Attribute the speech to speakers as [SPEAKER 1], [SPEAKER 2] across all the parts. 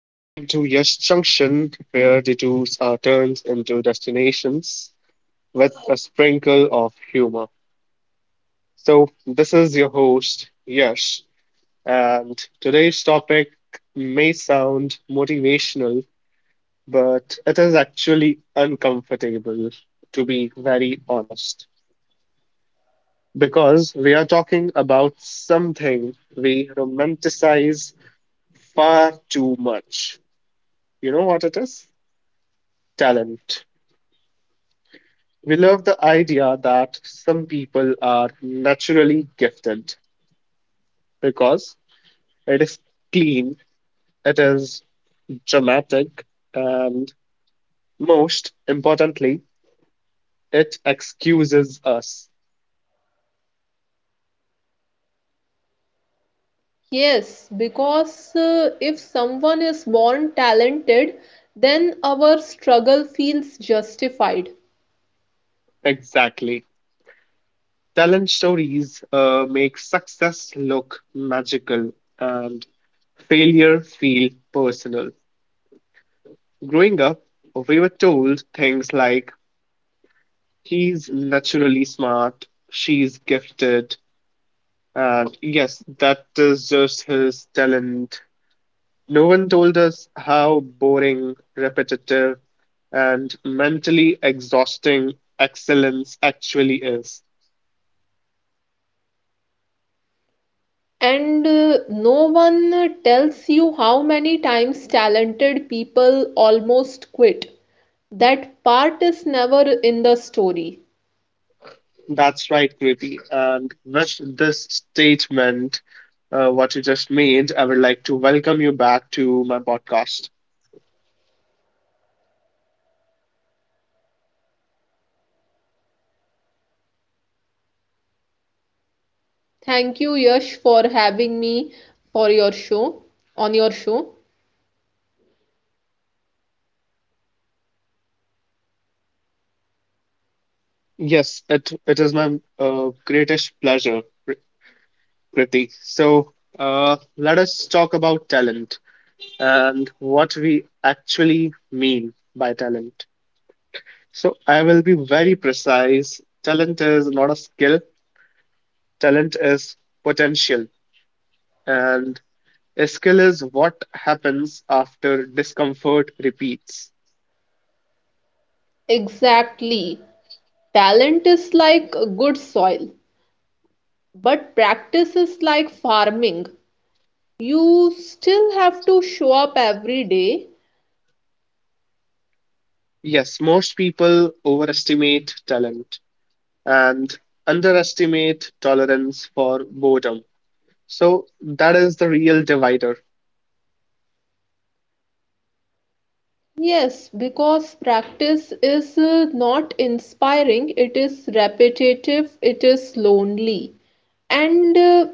[SPEAKER 1] Welcome to Yash Junction, where detours are turned into destinations with a sprinkle of humor. So, this is your host, Yash, and today's topic may sound motivational, but it is actually uncomfortable, to be very honest, because we are talking about something we romanticize far too much. You know what it is? Talent. We love the idea that some people are naturally gifted because it is clean, it is dramatic, and most importantly, it excuses us.
[SPEAKER 2] Yes, because if someone is born talented, then our struggle feels justified.
[SPEAKER 1] Exactly. Talent stories make success look magical and failure feel personal. Growing up, we were told things like, he's naturally smart, she's gifted, and yes, that is just his talent. No one told us how boring, repetitive, and mentally exhausting excellence actually is.
[SPEAKER 2] And no one tells you how many times talented people almost quit. That part is never in the story.
[SPEAKER 1] That's right, Kriti. And with this statement, what you just made, I would like to welcome you back to my podcast.
[SPEAKER 2] Thank you, Yash, for having me for your show, on your show.
[SPEAKER 1] Yes, it is my greatest pleasure, Kr- Kriti. So let us talk about talent and what we actually mean by talent. So I will be very precise. Talent is not a skill, talent is potential. And a skill is what happens after discomfort repeats.
[SPEAKER 2] Exactly. Talent is like good soil, but practice is like farming. You still have to show up every day.
[SPEAKER 1] Yes, most people overestimate talent and underestimate tolerance for boredom. So that is the real divider.
[SPEAKER 2] Yes, because practice is not inspiring, it is repetitive, it is lonely. And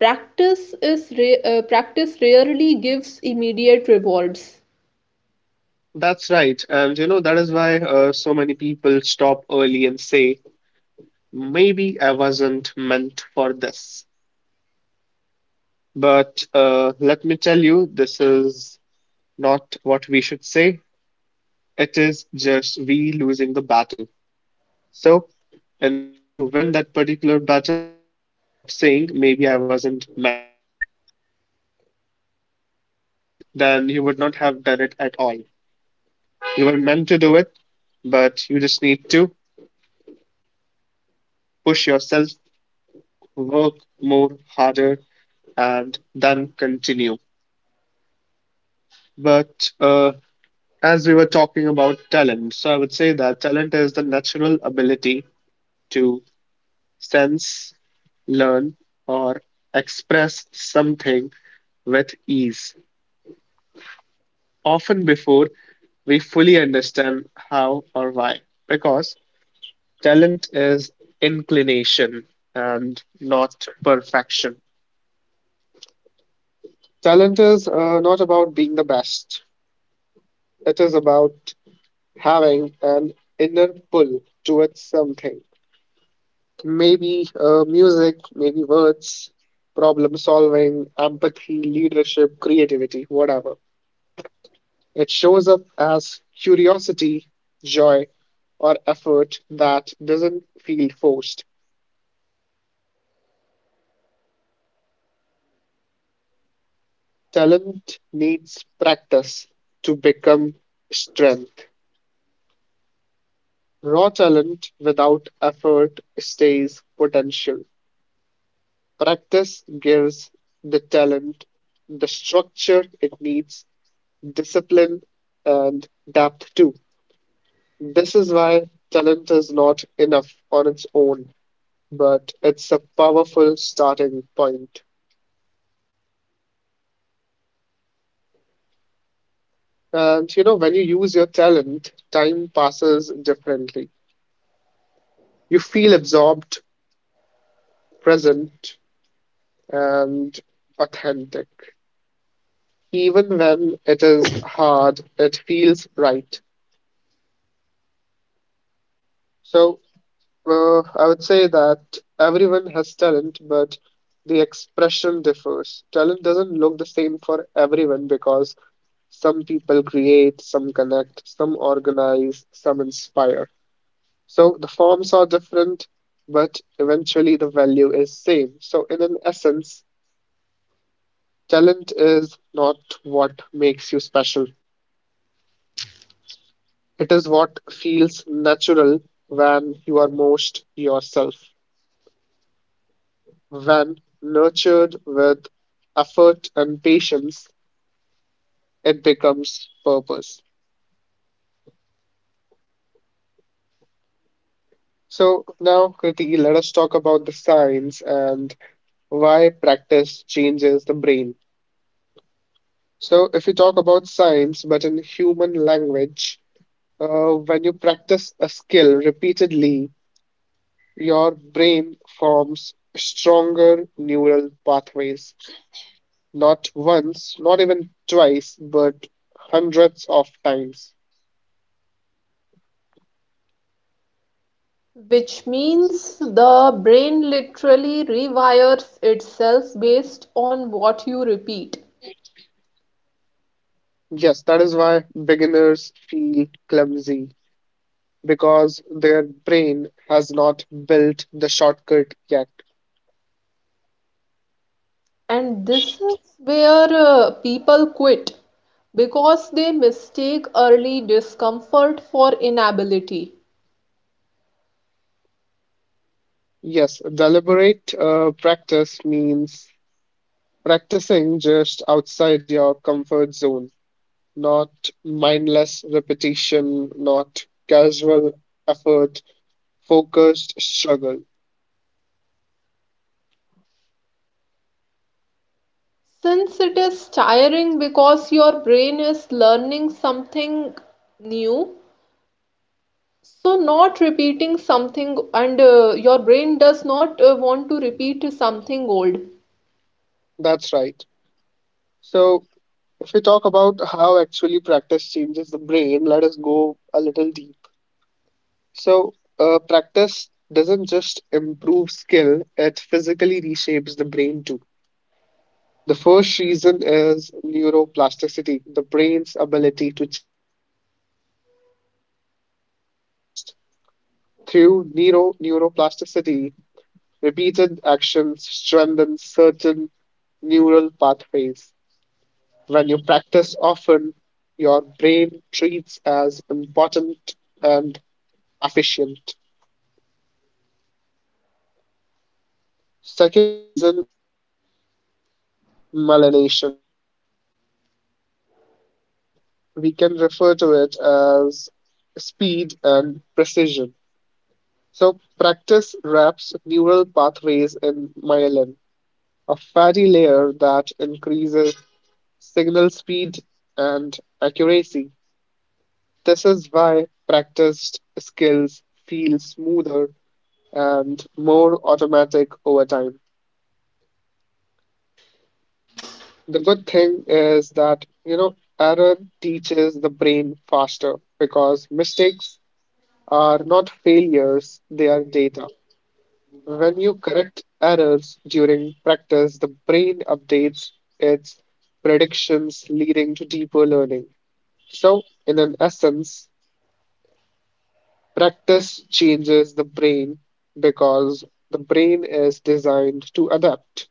[SPEAKER 2] practice rarely gives immediate rewards,
[SPEAKER 1] That's right. And you know, that is why so many people stop early and say, maybe I wasn't meant for this. But let me tell you, this is not what we should say. It is just we losing the battle. So, in order to win that particular battle, we need to stop saying, maybe I wasn't meant. Because if you weren't meant, then you would not have done it at all. You were meant to do it, but you just need to push yourself, work more harder, and then continue. But as we were talking about talent, so I would say that talent is the natural ability to sense, learn, or express something with ease, often before we fully understand how or why. Because talent is inclination and not perfection. Talent is not about being the best, it is about having an inner pull towards something. Maybe music, maybe words, problem solving, empathy, leadership, creativity, whatever. It shows up as curiosity, joy, or effort that doesn't feel forced. Talent needs practice to become strength. Raw talent without effort stays potential. Practice gives the talent the structure it needs, discipline, and depth too. This is why talent is not enough on its own, but it's a powerful starting point. And you know, when you use your talent, time passes differently. You feel absorbed, present, and authentic. Even when it is hard, it feels right. So, well, I would say that everyone has talent, but the expression differs. Talent doesn't look the same for everyone because some people create, some connect, some organize, some inspire. So the forms are different, but eventually the value is same. So in an essence, talent is not what makes you special. It is what feels natural when you are most yourself. When nurtured with effort and patience, it becomes purpose. So, now, Kriti, let us talk about the science and why practice changes the brain. So, if you talk about science, but in human language, when you practice a skill repeatedly, your brain forms stronger neural pathways, not once, not even twice, but hundreds of times.
[SPEAKER 2] which means the brain literally rewires itself based on what you repeat.
[SPEAKER 1] Yes, that is why beginners feel clumsy because their brain has not built the shortcut yet.
[SPEAKER 2] And this is where people quit because they mistake early discomfort for inability.
[SPEAKER 1] Yes, deliberate practice means practicing just outside your comfort zone, not mindless repetition, not casual effort, focused struggle.
[SPEAKER 2] Since it is tiring because your brain is learning something new, so not repeating something, and your brain does not want to repeat something old.
[SPEAKER 1] That's right. So, if we talk about how actually practice changes the brain, let us go a little deep. So, practice doesn't just improve skill, it physically reshapes the brain too. The first reason is neuroplasticity, the brain's ability to change because the brain is not fixed. Through neuroplasticity, repeated actions strengthen certain neural pathways. When you practice often, your brain treats as important and efficient. Second reason is malination, or we can refer to it as speed and precision. So, practice wraps neural pathways in myelin, a fatty layer that increases signal speed and accuracy. This is why practiced skills feel smoother and more automatic over time. The good thing is that, you know, error teaches the brain faster because mistakes are not failures, they are data. When you correct errors during practice, the brain updates its predictions, leading to deeper learning. So, in an essence, practice changes the brain because the brain is designed to adapt.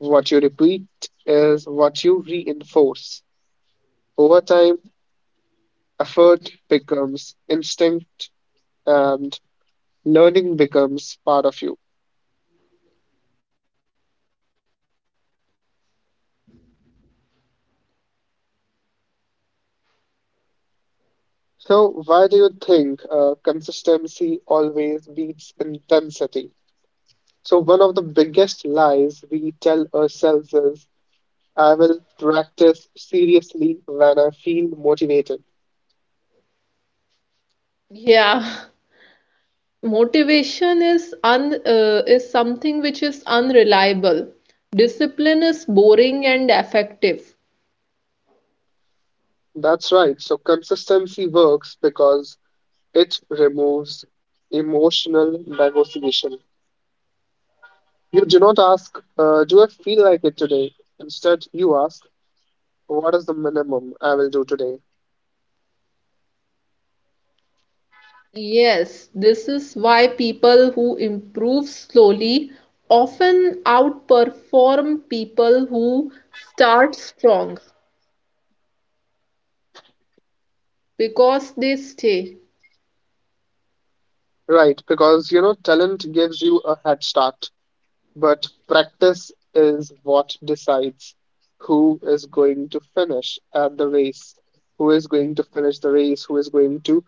[SPEAKER 1] What you repeat is what you reinforce. Over time, effort becomes instinct and learning becomes part of you. So, why do you think consistency always beats intensity? So, one of the biggest lies we tell ourselves is, I will practice seriously when I feel motivated.
[SPEAKER 2] Yeah, motivation is un is something which is unreliable. Discipline is boring and effective.
[SPEAKER 1] That's right. So, consistency works because it removes emotional negotiation. You do not ask, do I feel like it today? Instead, you ask, what is the minimum I will do today?
[SPEAKER 2] Yes, this is why people who improve slowly often outperform people who start strong because they stay.
[SPEAKER 1] Right, because you know, talent gives you a head start. But practice is what decides who is going to finish at the race, who is going to finish the race, who is going to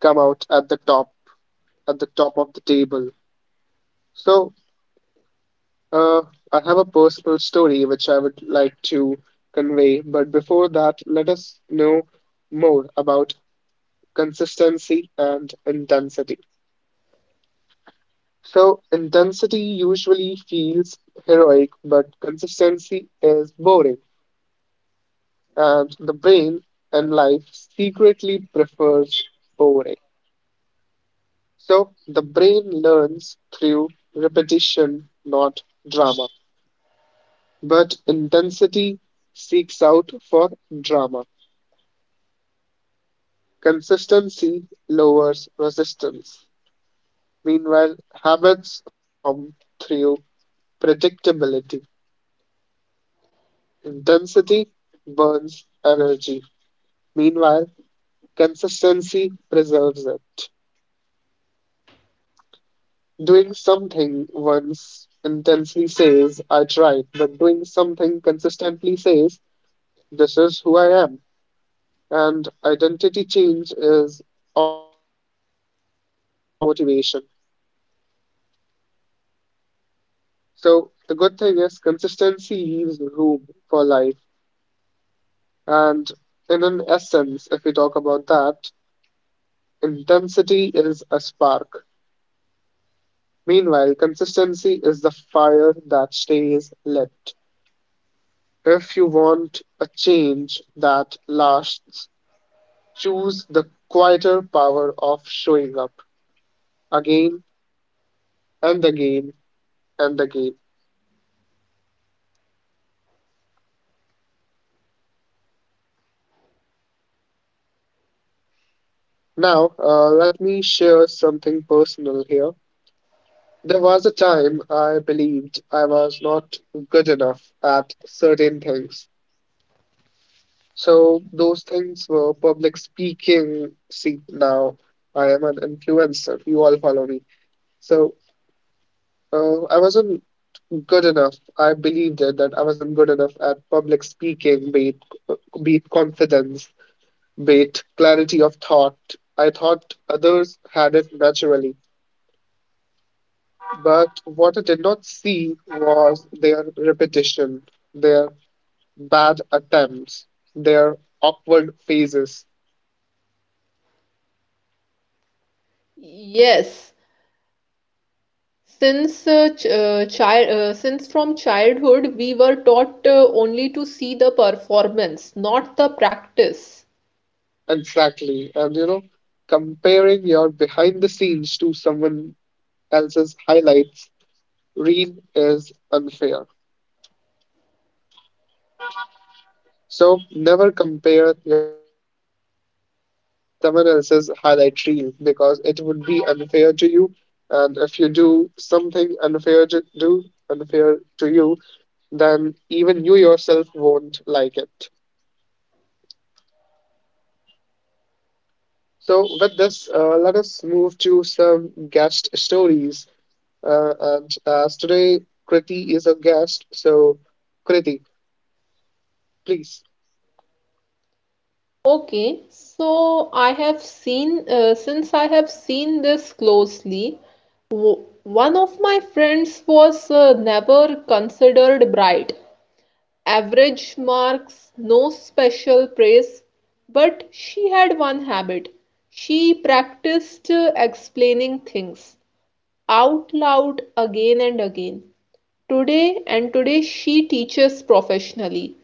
[SPEAKER 1] come out at the top of the table. So, uh, I have a personal story which I would like to convey. But before that, let us know more about consistency and intensity. So, intensity usually feels heroic, but consistency is boring and the brain and life secretly prefers boring. So the brain learns through repetition, not drama. But intensity seeks out for drama. Consistency lowers resistance. Meanwhile, habits form through predictability. Intensity burns energy. Meanwhile, consistency preserves it. Doing something once intensely says, I tried, but doing something consistently says, this is who I am. And identity change is obviously more powerful than motivation. So the good thing is, consistency leaves room for life. And in an essence, if we talk about that, intensity is a spark. Meanwhile, consistency is the fire that stays lit. If you want a change that lasts, choose the quieter power of showing up again and again and again. Now, let me share something personal here. There was a time I believed I was not good enough at certain things. So, those things were public speaking. See, now I am an influencer. You all follow me. So, I wasn't good enough. I believed it that I wasn't good enough at public speaking, be it confidence, be it clarity of thought. I thought others had it naturally. But what I did not see was their repetition, their bad attempts, their awkward phases.
[SPEAKER 2] Yes, since ch child since from childhood we were taught only to see the performance, not the practice.
[SPEAKER 1] Exactly. And you know, comparing your behind the scenes to someone else's highlights reel is unfair. So never compare your behind the scenes to someone else's highlight reel because it would be unfair to you. And if you do something unfair to do unfair to you, then even you yourself won't like it. So with this, let us move to some guest stories. And as today, Kriti is a guest, so Kriti, please.
[SPEAKER 2] Okay, so I have seen since I have seen this closely, one of my friends was never considered bright. Average marks, no special praise, but she had one habit. She practiced explaining things out loud again and again. Today and today, she teaches professionally,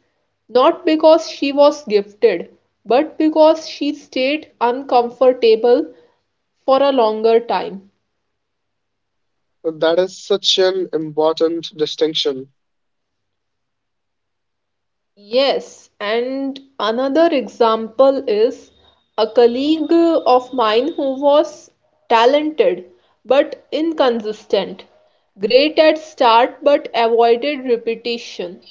[SPEAKER 2] not because she was gifted, but because she stayed uncomfortable for a longer time.
[SPEAKER 1] That is such an important distinction.
[SPEAKER 2] Yes, and another example is a colleague of mine who was talented but inconsistent, great at start but avoided repetition.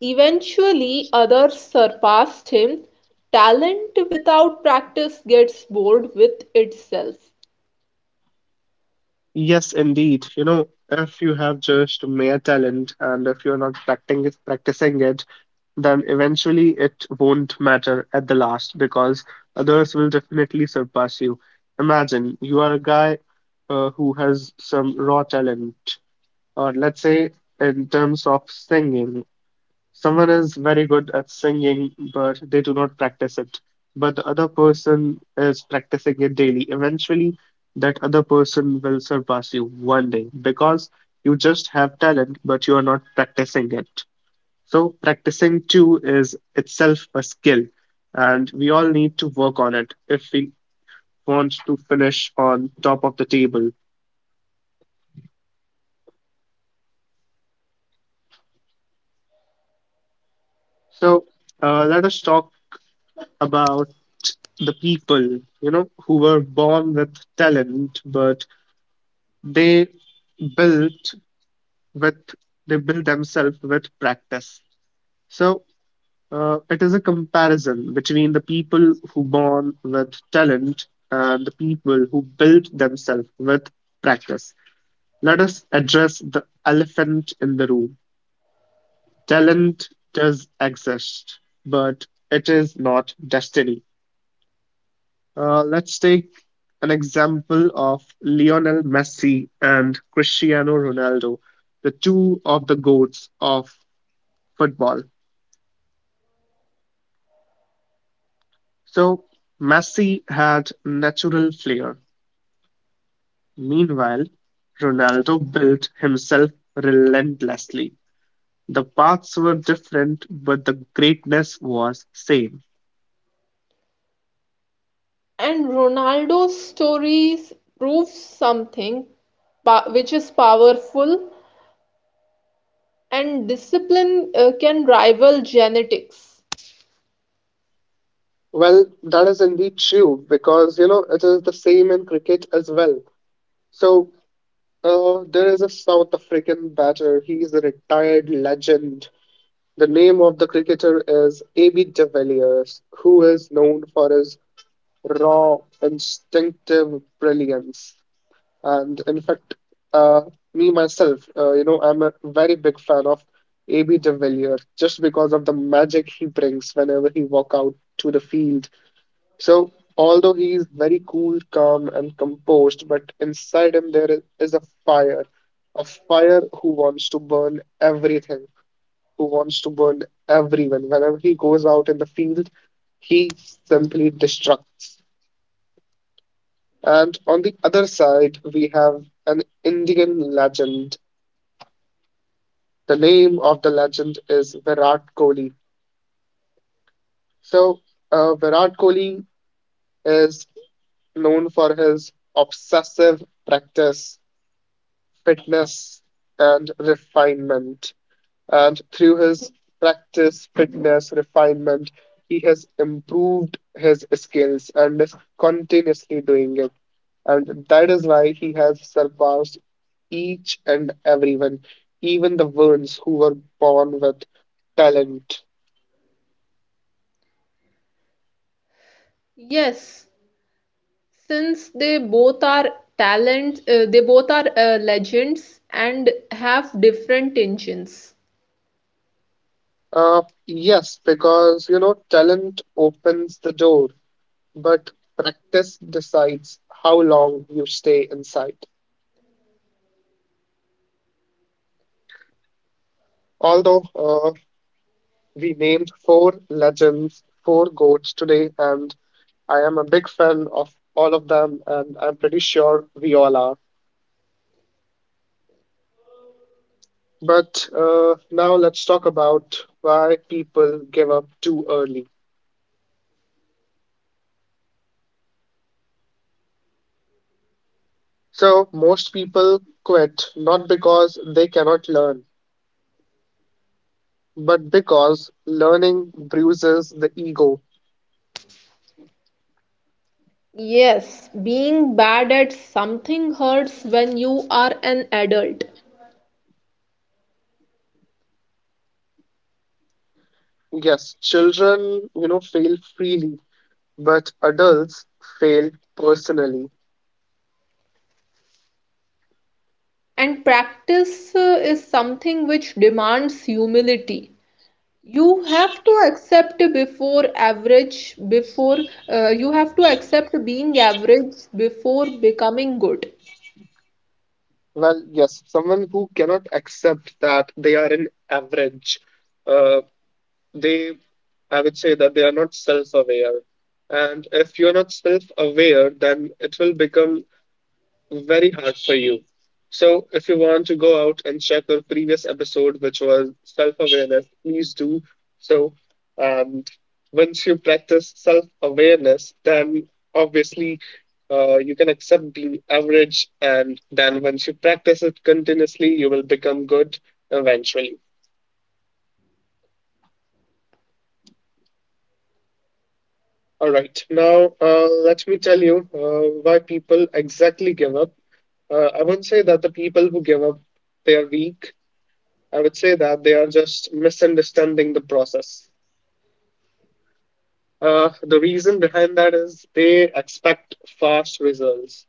[SPEAKER 2] Eventually, others surpassed him. Talent without practice gets bored with itself.
[SPEAKER 1] Yes, indeed. You know, if you have just mere talent and if you're not practicing it, then eventually it won't matter at the last because others will definitely surpass you. Imagine you are a guy who has some raw talent, or let's say in terms of singing, someone is very good at singing, but they do not practice it. But the other person is practicing it daily. Eventually, that other person will surpass you one day because you just have talent, but you are not practicing it. So, practicing too is itself a skill, and we all need to work on it if we want to finish on top of the table. So, let us talk about the people, you know, who were born with talent, but they built with they built themselves with practice. So, it is a comparison between the people who born with talent and the people who built themselves with practice. Let us address the elephant in the room. Talent does exist, but it is not destiny. Let's take an example of Lionel Messi and Cristiano Ronaldo, the two of the goats of football. So, Messi had natural flair. Meanwhile, Ronaldo built himself relentlessly. The paths were different, but the greatness was same.
[SPEAKER 2] And Ronaldo's stories prove something which is powerful and discipline can rival genetics.
[SPEAKER 1] Well, that is indeed true because you know it is the same in cricket as well. So, there is a South African batter. He is a retired legend. The name of the cricketer is A.B. de Villiers, who is known for his raw, instinctive brilliance. And in fact, uh, me myself, you know, I'm a very big fan of A.B. de Villiers just because of the magic he brings whenever he walk out to the field. So, although he is very cool, calm, and composed, but inside him there is a fire who wants to burn everything, who wants to burn everyone. Whenever he goes out in the field, he simply destructs. And on the other side, we have an Indian legend. The name of the legend is Virat Kohli. So, Virat Kohli is known for his obsessive practice, fitness, and refinement. And through his practice, fitness, refinement, he has improved his skills and is continuously doing it. And that is why he has surpassed each and everyone, even the ones who were born with talent.
[SPEAKER 2] Yes, since they both are they both are legends and have different engines.
[SPEAKER 1] Yes, because talent opens the door, but practice decides how long you stay inside. Although we named 4 legends, 4 goats today, and I am a big fan of all of them, and I'm pretty sure we all are. But now let's talk about why people give up too early. So, most people quit not because they cannot learn, but because learning bruises the ego.
[SPEAKER 2] Yes, being bad at something hurts when you are an adult.
[SPEAKER 1] Yes, children, fail freely, but adults fail personally.
[SPEAKER 2] And practice is something which demands humility. You have to accept before average before you have to accept being average before becoming good.
[SPEAKER 1] Well, yes, someone who cannot accept that they are an average, uh, they, I would say that they are not self aware. And if you're not self aware, then it will become very hard for you. So, if you want to go out and check our previous episode, which was self awareness, please do so. And once you practice self awareness, then obviously you can accept the average. And then once you practice it continuously, you will become good eventually. All right. Now, let me tell you why people exactly give up. I won't say that the people who give up, they are weak. I would say that they are just misunderstanding the process. The reason behind that is they expect fast results.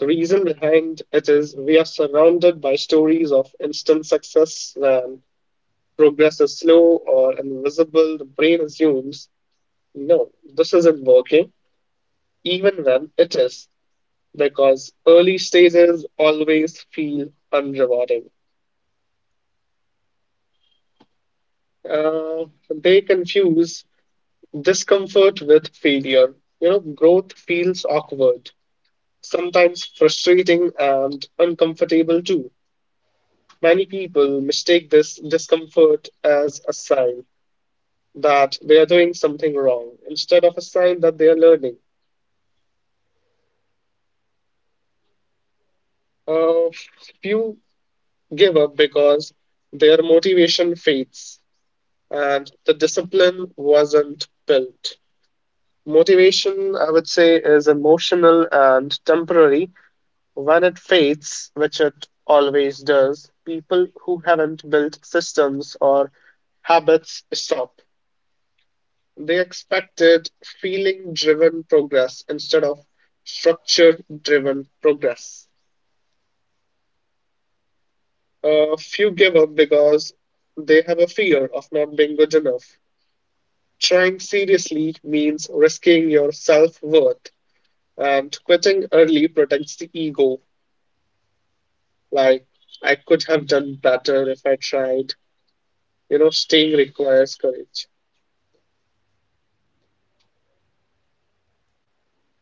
[SPEAKER 1] The reason behind it is we are surrounded by stories of instant success and progress is slow or invisible. The brain assumes, no, this isn't working, even when it is, because early stages always feel unrewarding. Uh, they confuse discomfort with failure. You know, growth feels awkward, sometimes frustrating and uncomfortable too. Many people mistake this discomfort as a sign that they are doing something wrong instead of a sign that they are learning. Uh, Few give up because their motivation fades and the discipline wasn't built. Motivation, I would say, is emotional and temporary. When it fades, which it always does, people who haven't built systems or habits stop. They expected feeling driven progress instead of structure driven progress. A few give up because they have a fear of not being good enough. Trying seriously means risking your self worth, and quitting early protects the ego. Like, I could have done better if I tried. You know, staying requires courage.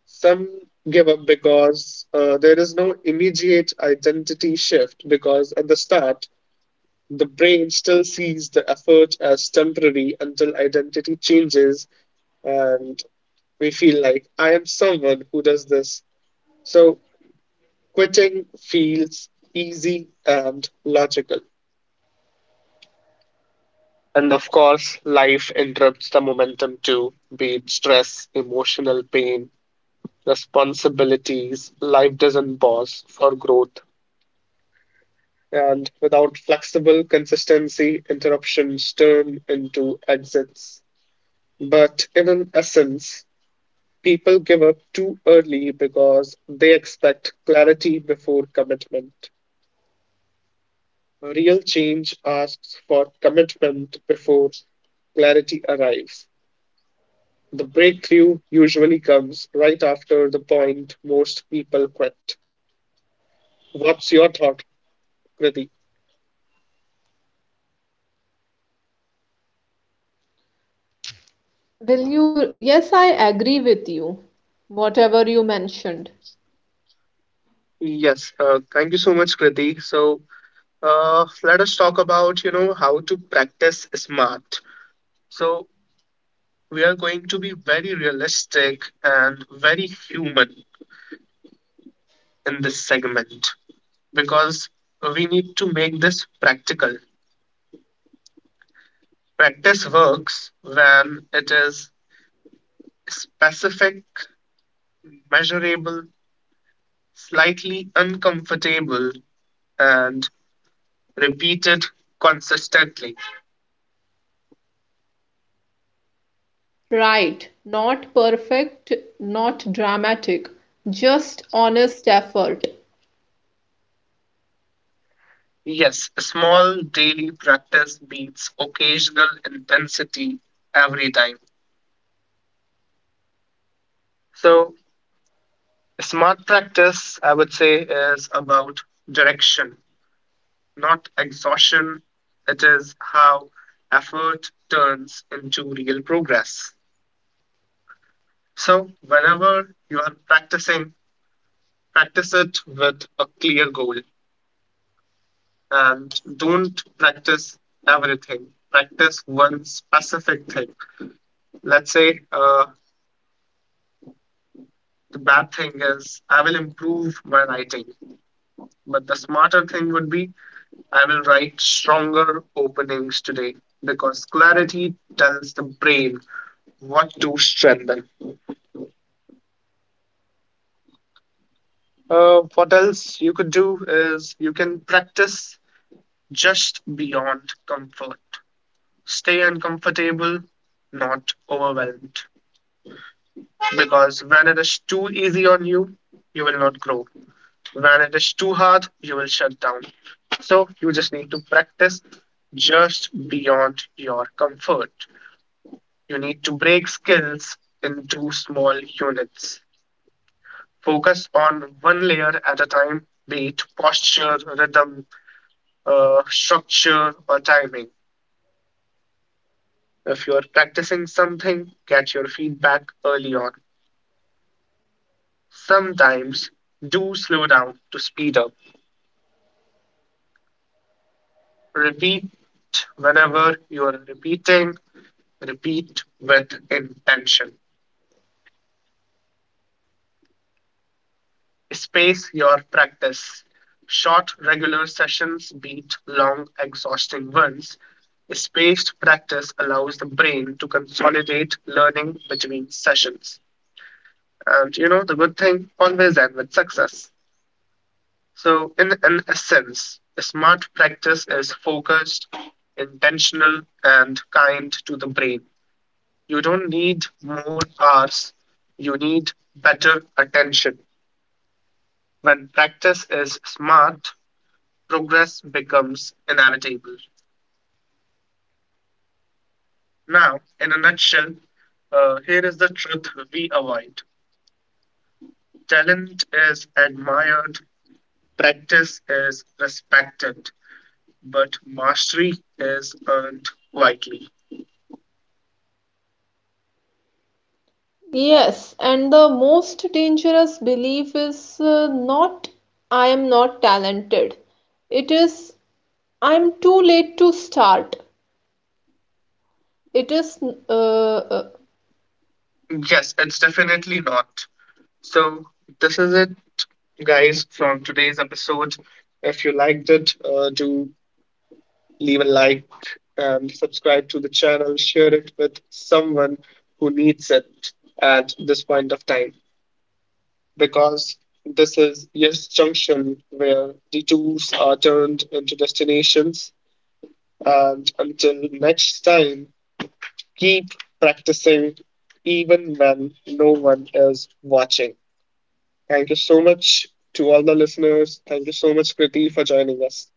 [SPEAKER 1] Some give up because there is no immediate identity shift, because at the start, the brain still sees the effort as temporary until identity changes and we feel like, I am someone who does this. So quitting feels easy and logical. And of course, life interrupts the momentum too, be it stress, emotional pain, responsibilities, life doesn't pause for growth. And without flexible consistency, interruptions turn into exits. But in an essence, people give up too early because they expect clarity before commitment. Real change asks for commitment before clarity arrives. The breakthrough usually comes right after the point most people quit. What's your thought, Kriti?
[SPEAKER 2] Will you? Yes, I agree with you, whatever you mentioned.
[SPEAKER 1] Yes, thank you so much, Kriti. So, let us talk about, you know, how to practice smart. So, we are going to be very realistic and very human in this segment because we need to make this practical. Practice works when it is specific, measurable, slightly uncomfortable, and repeated consistently.
[SPEAKER 2] Right, not perfect, not dramatic, just honest effort.
[SPEAKER 1] Yes, small daily practice beats occasional intensity every time. So, smart practice, I would say, is about direction, not exhaustion. It is how effort turns into real progress. So, whenever you are practicing, practice it with a clear goal and don't practice everything. Practice one specific thing. Let's say, the bad thing is I will improve my writing, but the smarter thing would be I will write stronger openings today because clarity tells the brain what to strengthen. What else you could do is you can practice just beyond comfort. Stay uncomfortable, not overwhelmed. Because when it is too easy on you, you will not grow. When it is too hard, you will shut down. So you just need to practice just beyond your comfort. You need to break skills into small units. Focus on one layer at a time, be it posture, rhythm, structure, or timing. If you are practicing something, get your feedback early on. Sometimes do slow down to speed up. Repeat whenever you are repeating Repeat with intention. Space your practice. Short, regular sessions beat long, exhausting ones. Spaced practice allows the brain to consolidate learning between sessions. And you know, the good thing always ends with success. So, in an essence, a smart practice is focused, intentional, and kind to the brain. You don't need more hours, you need better attention. When practice is smart, progress becomes inevitable. Now, in a nutshell, here is the truth we avoid. Talent is admired, practice is respected, but mastery is earned quietly.
[SPEAKER 2] Yes, and the most dangerous belief is not I am not talented, it is I'm too late to start, it is uh, uh,
[SPEAKER 1] Yes, it's definitely not. So, this is it, guys, from today's episode. If you liked it, do leave a like, and subscribe to the channel, share it with someone who needs it at this point of time because this is Yes Junction, where detours are turned into destinations. And until next time, keep practicing even when no one is watching. Thank you so much to all the listeners. Thank you so much, Kriti, for joining us.